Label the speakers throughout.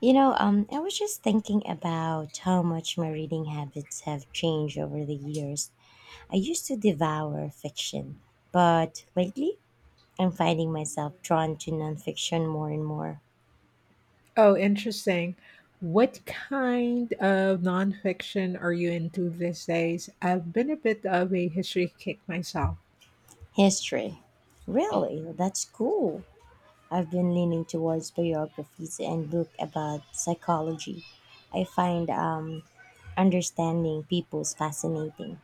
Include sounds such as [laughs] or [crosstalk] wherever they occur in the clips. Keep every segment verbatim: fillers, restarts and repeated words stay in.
Speaker 1: You know, um, I was just thinking about how much my reading habits have changed over the years. I used to devour fiction, but lately I'm finding myself drawn to nonfiction more and more.
Speaker 2: Oh, interesting. What kind of nonfiction are you into these days? I've been a bit of a history kick myself.
Speaker 1: History. Really? That's cool. I've been leaning towards biographies and books about psychology. I find um, understanding people's fascinating.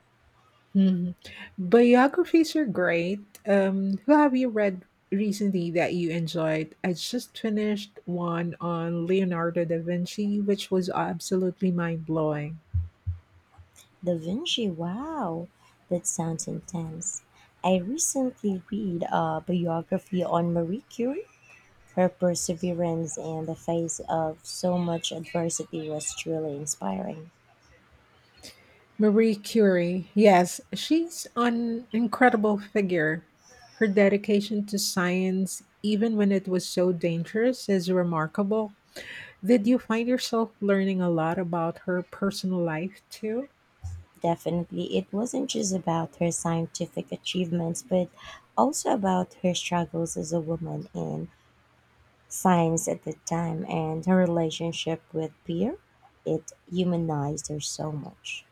Speaker 2: Mhm. Biographies are great. Um, who have you read recently that you enjoyed? I just finished one on Leonardo da Vinci, which was absolutely mind blowing.
Speaker 1: Da Vinci, wow, that sounds intense. I recently read a biography on Marie Curie. Her perseverance in the face of so much adversity was truly inspiring.
Speaker 2: Marie Curie. Yes, she's an incredible figure. Her dedication to science, even when it was so dangerous, is remarkable. Did you find yourself learning a lot about her personal life too?
Speaker 1: Definitely, it wasn't just about her scientific achievements, but also about her struggles as a woman in science at the time and her relationship with peer. It humanized her so much.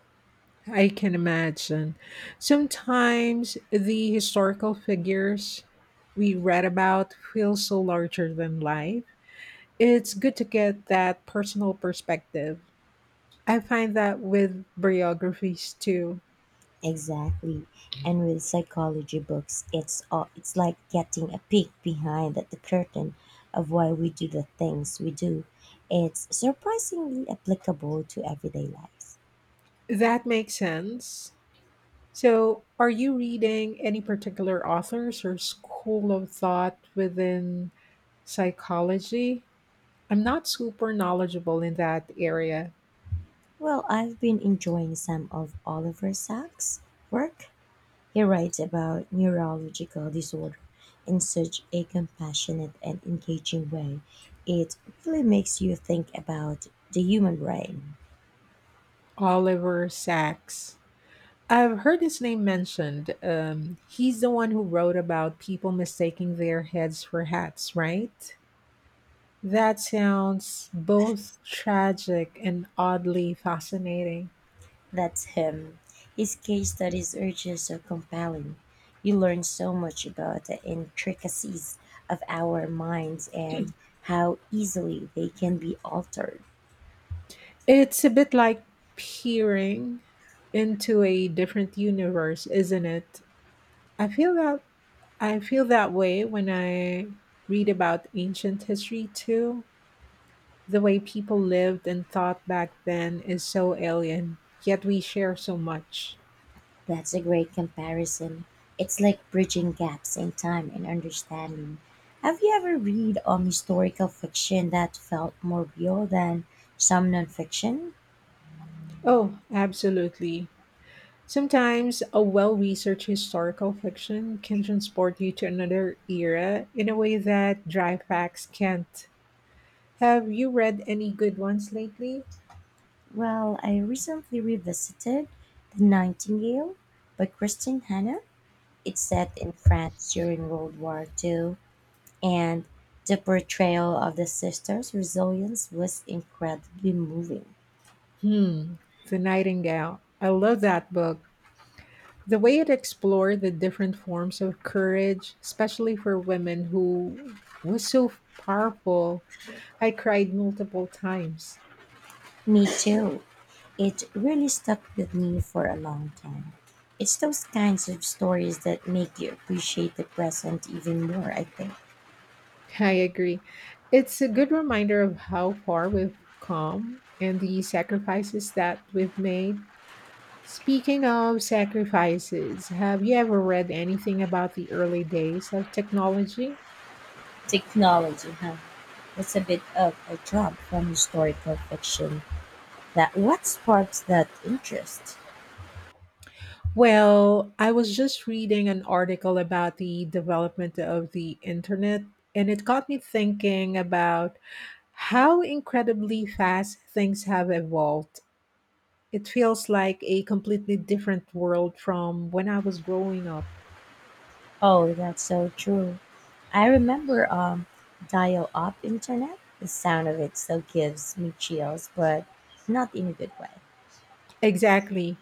Speaker 2: I can imagine. Sometimes the historical figures we read about feel so larger than life. It's good to get that personal perspective. I find that with biographies too.
Speaker 1: Exactly. And with psychology books, it's all, it's like getting a peek behind the curtain of why we do the things we do. It's surprisingly applicable to everyday life.
Speaker 2: That makes sense. So, are you reading any particular authors or school of thought within psychology? I'm not super knowledgeable in that area.
Speaker 1: Well, I've been enjoying some of Oliver Sacks' work. He writes about neurological disorder in such a compassionate and engaging way. It really makes you think about the human brain.
Speaker 2: Oliver Sacks. I've heard his name mentioned. Um, he's the one who wrote about people mistaking their heads for hats, right? That sounds both tragic and oddly fascinating.
Speaker 1: That's him. His case studies are just so compelling. You learn so much about the intricacies of our minds and how easily they can be altered.
Speaker 2: It's a bit like peering into a different universe, isn't it? I feel that I feel that way when I read about ancient history too. The way people lived and thought back then is so alien, yet we share so much.
Speaker 1: That's a great comparison. It's like bridging gaps in time and understanding. Have you ever read um, historical fiction that felt more real than some nonfiction?
Speaker 2: Oh, absolutely. Sometimes a well researched historical fiction can transport you to another era in a way that dry facts can't. Have you read any good ones lately?
Speaker 1: Well, I recently revisited The Nightingale by Christine Hanna. It's set in France during World War Two, and the portrayal of the sisters' resilience was incredibly moving.
Speaker 2: Hmm, The Nightingale. I love that book. The way it explored the different forms of courage, especially for women who was so powerful. I cried multiple times.
Speaker 1: Me too. It really stuck with me for a long time. It's those kinds of stories that make you appreciate the present even more, I think.
Speaker 2: [laughs] I agree. It's a good reminder of how far we've come and the sacrifices that we've made. Speaking of sacrifices, have you ever read anything about the early days of technology?
Speaker 1: Technology, huh? That's a bit of a jump from historical fiction. That what sparks that interest?
Speaker 2: Well, I was just reading an article about the development of the internet, and it got me thinking about how incredibly fast things have evolved. It feels like a completely different world from when I was growing up.
Speaker 1: Oh, that's so true. I remember um, dial up internet. The sound of it still gives me chills, but not in a good way.
Speaker 2: Exactly.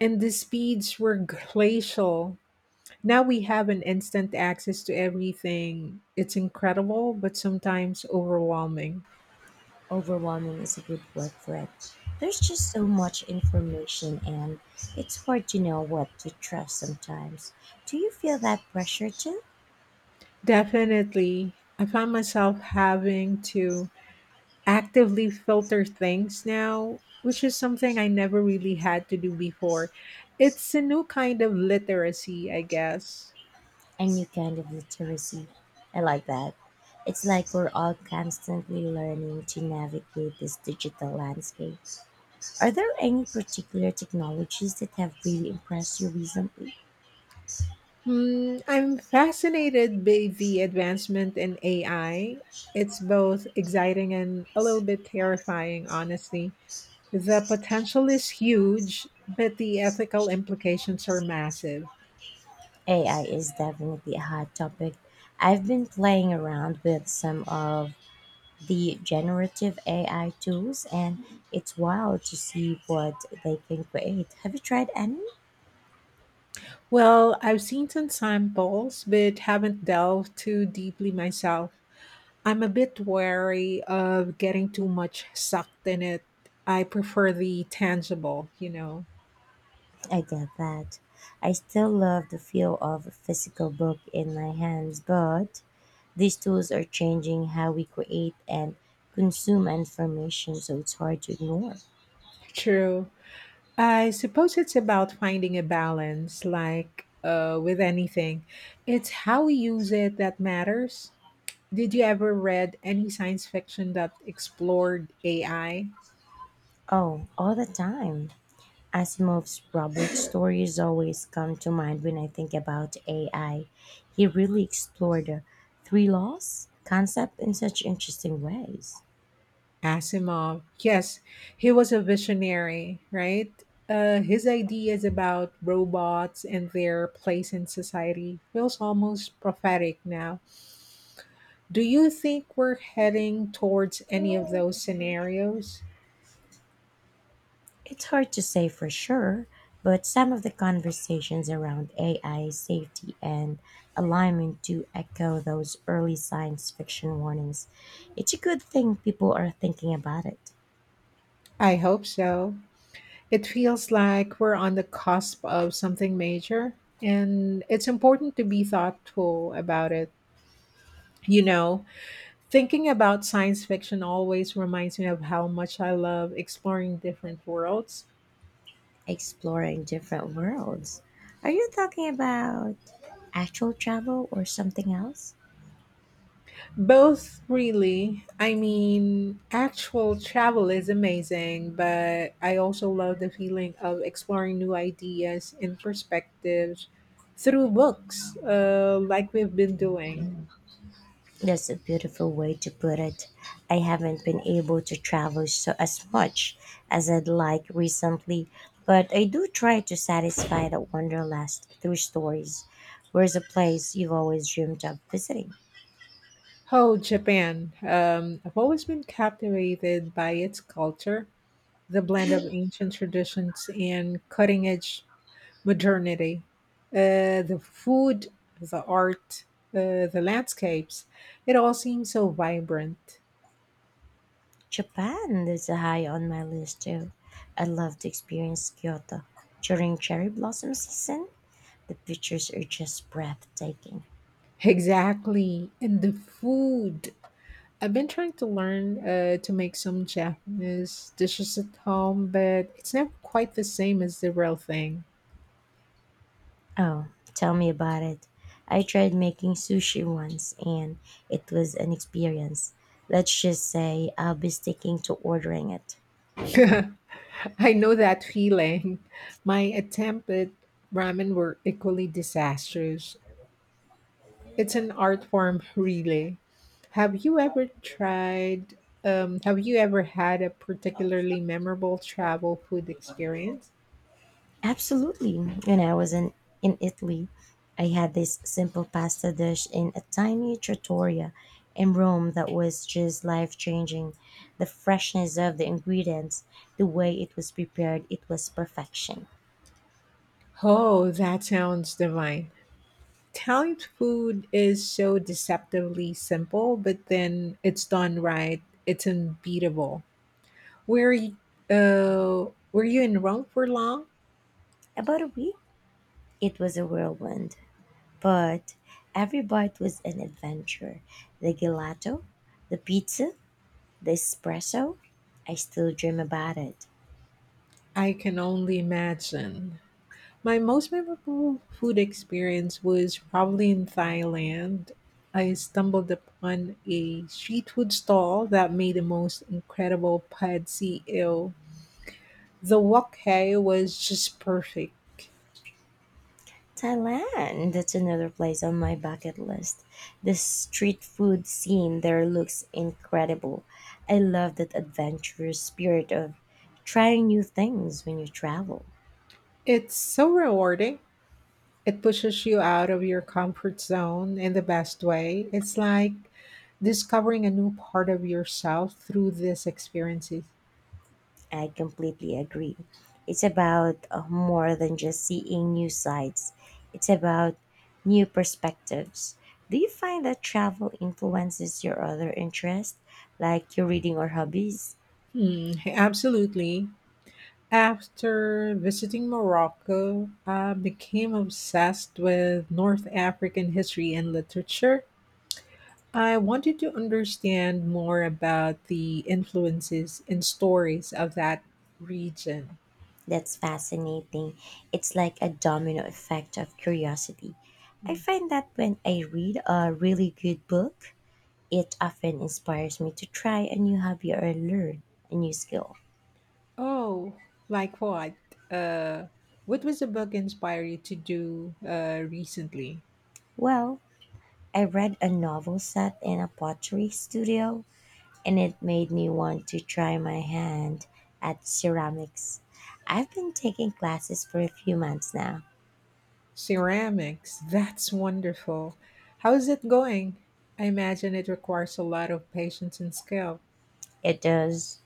Speaker 2: And the speeds were glacial. Now we have an instant access to everything. It's incredible, but sometimes overwhelming.
Speaker 1: Overwhelming is a good word for it. There's just so much information, and it's hard to know what to trust sometimes. Do you feel that pressure too?
Speaker 2: Definitely. I found myself having to actively filter things now, which is something I never really had to do before. It's a new kind of literacy, I guess.
Speaker 1: A new kind of literacy. I like that. It's like we're all constantly learning to navigate this digital landscape. Are there any particular technologies that have really impressed you recently?
Speaker 2: Hmm, I'm fascinated by the advancement in A I. It's both exciting and a little bit terrifying, honestly. The potential is huge, but the ethical implications are massive.
Speaker 1: A I is definitely a hot topic. I've been playing around with some of the generative A I tools and it's wild to see what they can create. Have you tried any?
Speaker 2: Well, I've seen some samples, but haven't delved too deeply myself. I'm a bit wary of getting too much sucked in it. I prefer the tangible, you know.
Speaker 1: I get that. I still love the feel of a physical book in my hands, but these tools are changing how we create and consume information, so it's hard to ignore.
Speaker 2: True. I suppose it's about finding a balance, like uh, with anything. It's how we use it that matters. Did you ever read any science fiction that explored A I?
Speaker 1: Oh, all the time. Asimov's robot stories always come to mind when I think about A I. He really explored uh, three laws concept in such interesting ways.
Speaker 2: Asimov. Yes, he was a visionary, right? Uh, his ideas about robots and their place in society feels almost prophetic now. Do you think we're heading towards any of those scenarios?
Speaker 1: It's hard to say for sure, but some of the conversations around A I safety and alignment do echo those early science fiction warnings. It's a good thing people are thinking about it,
Speaker 2: I hope so. It feels like we're on the cusp of something major, and it's important to be thoughtful about it. You know, thinking about science fiction always reminds me of how much I love exploring different worlds.
Speaker 1: exploring different worlds. Are you talking about actual travel or something else?
Speaker 2: Both, really. I mean, actual travel is amazing, but I also love the feeling of exploring new ideas and perspectives through books, uh, like we've been doing.
Speaker 1: That's a beautiful way to put it. I haven't been able to travel so as much as I'd like recently, but I do try to satisfy that wanderlust through stories. Where's a place you've always dreamed of visiting?
Speaker 2: Oh, Japan. Um, I've always been captivated by its culture, the blend of ancient traditions and cutting edge modernity. Uh, the food, the art, uh, the landscapes, it all seems so vibrant.
Speaker 1: Japan is high on my list too. I'd love to experience Kyoto during cherry blossom season. The pictures are just breathtaking.
Speaker 2: Exactly. And the food. I've been trying to learn uh, to make some Japanese dishes at home, but it's never quite the same as the real thing.
Speaker 1: Oh, tell me about it. I tried making sushi once and it was an experience. Let's just say I'll be sticking to ordering it.
Speaker 2: [laughs] I know that feeling. My attempt at ramen were equally disastrous. It's an art form, really. Have you ever tried? Um, have you ever had a particularly memorable travel food experience?
Speaker 1: Absolutely. When I was in, in Italy, I had this simple pasta dish in a tiny trattoria in Rome that was just life changing. The freshness of the ingredients, the way it was prepared, it was perfection.
Speaker 2: Oh, that sounds divine. Italian food is so deceptively simple, but then it's done right. It's unbeatable. Were you, uh, were you in Rome for long?
Speaker 1: About a week, it was a whirlwind, but every bite was an adventure. The gelato, the pizza, the espresso. I still dream about it.
Speaker 2: I can only imagine. My most memorable food experience was probably in Thailand. I stumbled upon a street food stall that made the most incredible pad see ew. The wok hei was just perfect.
Speaker 1: Thailand, that's another place on my bucket list. The street food scene there looks incredible. I love that adventurous spirit of trying new things when you travel.
Speaker 2: It's so rewarding. It pushes you out of your comfort zone in the best way. It's like discovering a new part of yourself through these experiences.
Speaker 1: I completely agree. It's about uh, more than just seeing new sights, it's about new perspectives. Do you find that travel influences your other interests, like your reading or hobbies?
Speaker 2: Hmm, absolutely. After visiting Morocco, I became obsessed with North African history and literature. I wanted to understand more about the influences and stories of that region.
Speaker 1: That's fascinating. It's like a domino effect of curiosity. I
Speaker 2: Mm.
Speaker 1: find that when I read a really good book, it often inspires me to try a new hobby or learn a new skill.
Speaker 2: Oh, like what? Uh, what was the book inspired you to do uh, recently?
Speaker 1: Well, I read a novel set in a pottery studio and it made me want to try my hand at ceramics. I've been taking classes for a few months now.
Speaker 2: Ceramics. That's wonderful. How is it going? I imagine it requires a lot of patience and skill.
Speaker 1: It does,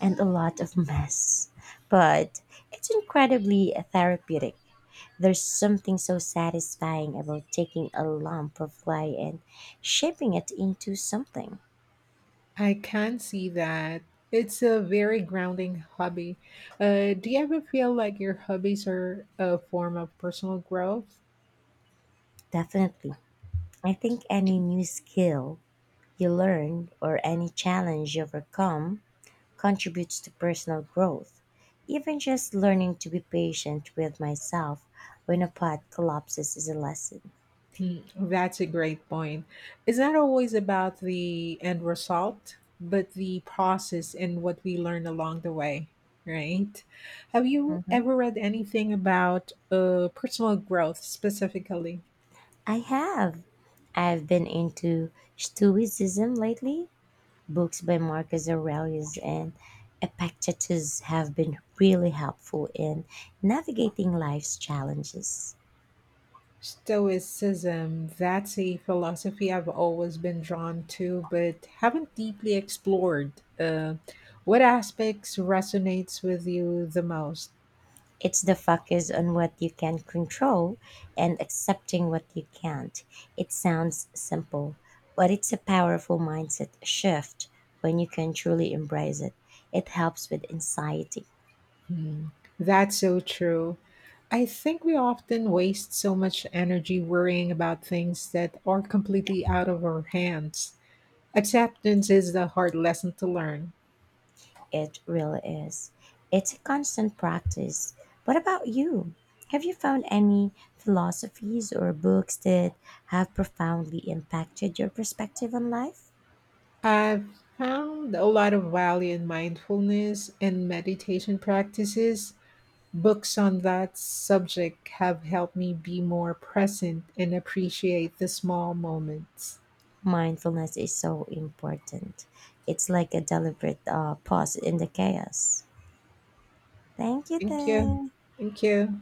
Speaker 1: and a lot of mess, but it's incredibly therapeutic. There's something so satisfying about taking a lump of clay and shaping it into something.
Speaker 2: I can see that. It's a very grounding hobby. Uh, do you ever feel like your hobbies are a form of personal growth?
Speaker 1: Definitely. I think any new skill you learn or any challenge you overcome contributes to personal growth. Even just learning to be patient with myself when a pot collapses is a lesson.
Speaker 2: Hmm, that's a great point. It's not always about the end result, but the process and what we learn along the way, right? Have you
Speaker 1: Mhm.
Speaker 2: ever read anything about uh, personal growth specifically?
Speaker 1: I have. I've been into Stoicism lately. Books by Marcus Aurelius and Epictetus have been really helpful in navigating life's challenges.
Speaker 2: Stoicism, that's a philosophy I've always been drawn to, but haven't deeply explored. Uh, what aspects resonates with you the most?
Speaker 1: It's the focus on what you can control and accepting what you can't. It sounds simple, but it's a powerful mindset shift when you can truly embrace it. It helps with anxiety.
Speaker 2: Hmm, that's so true. I think we often waste so much energy worrying about things that are completely out of our hands. Acceptance is the hard lesson to learn.
Speaker 1: It really is. It's a constant practice. What about you? Have you found any philosophies or books that have profoundly impacted your perspective on life?
Speaker 2: I've found a lot of value in mindfulness and meditation practices. Books on that subject have helped me be more present and appreciate the small moments.
Speaker 1: Mindfulness is so important. It's like a deliberate uh, pause in the chaos. Thank you,
Speaker 2: Thank you.
Speaker 1: then.
Speaker 2: Thank you.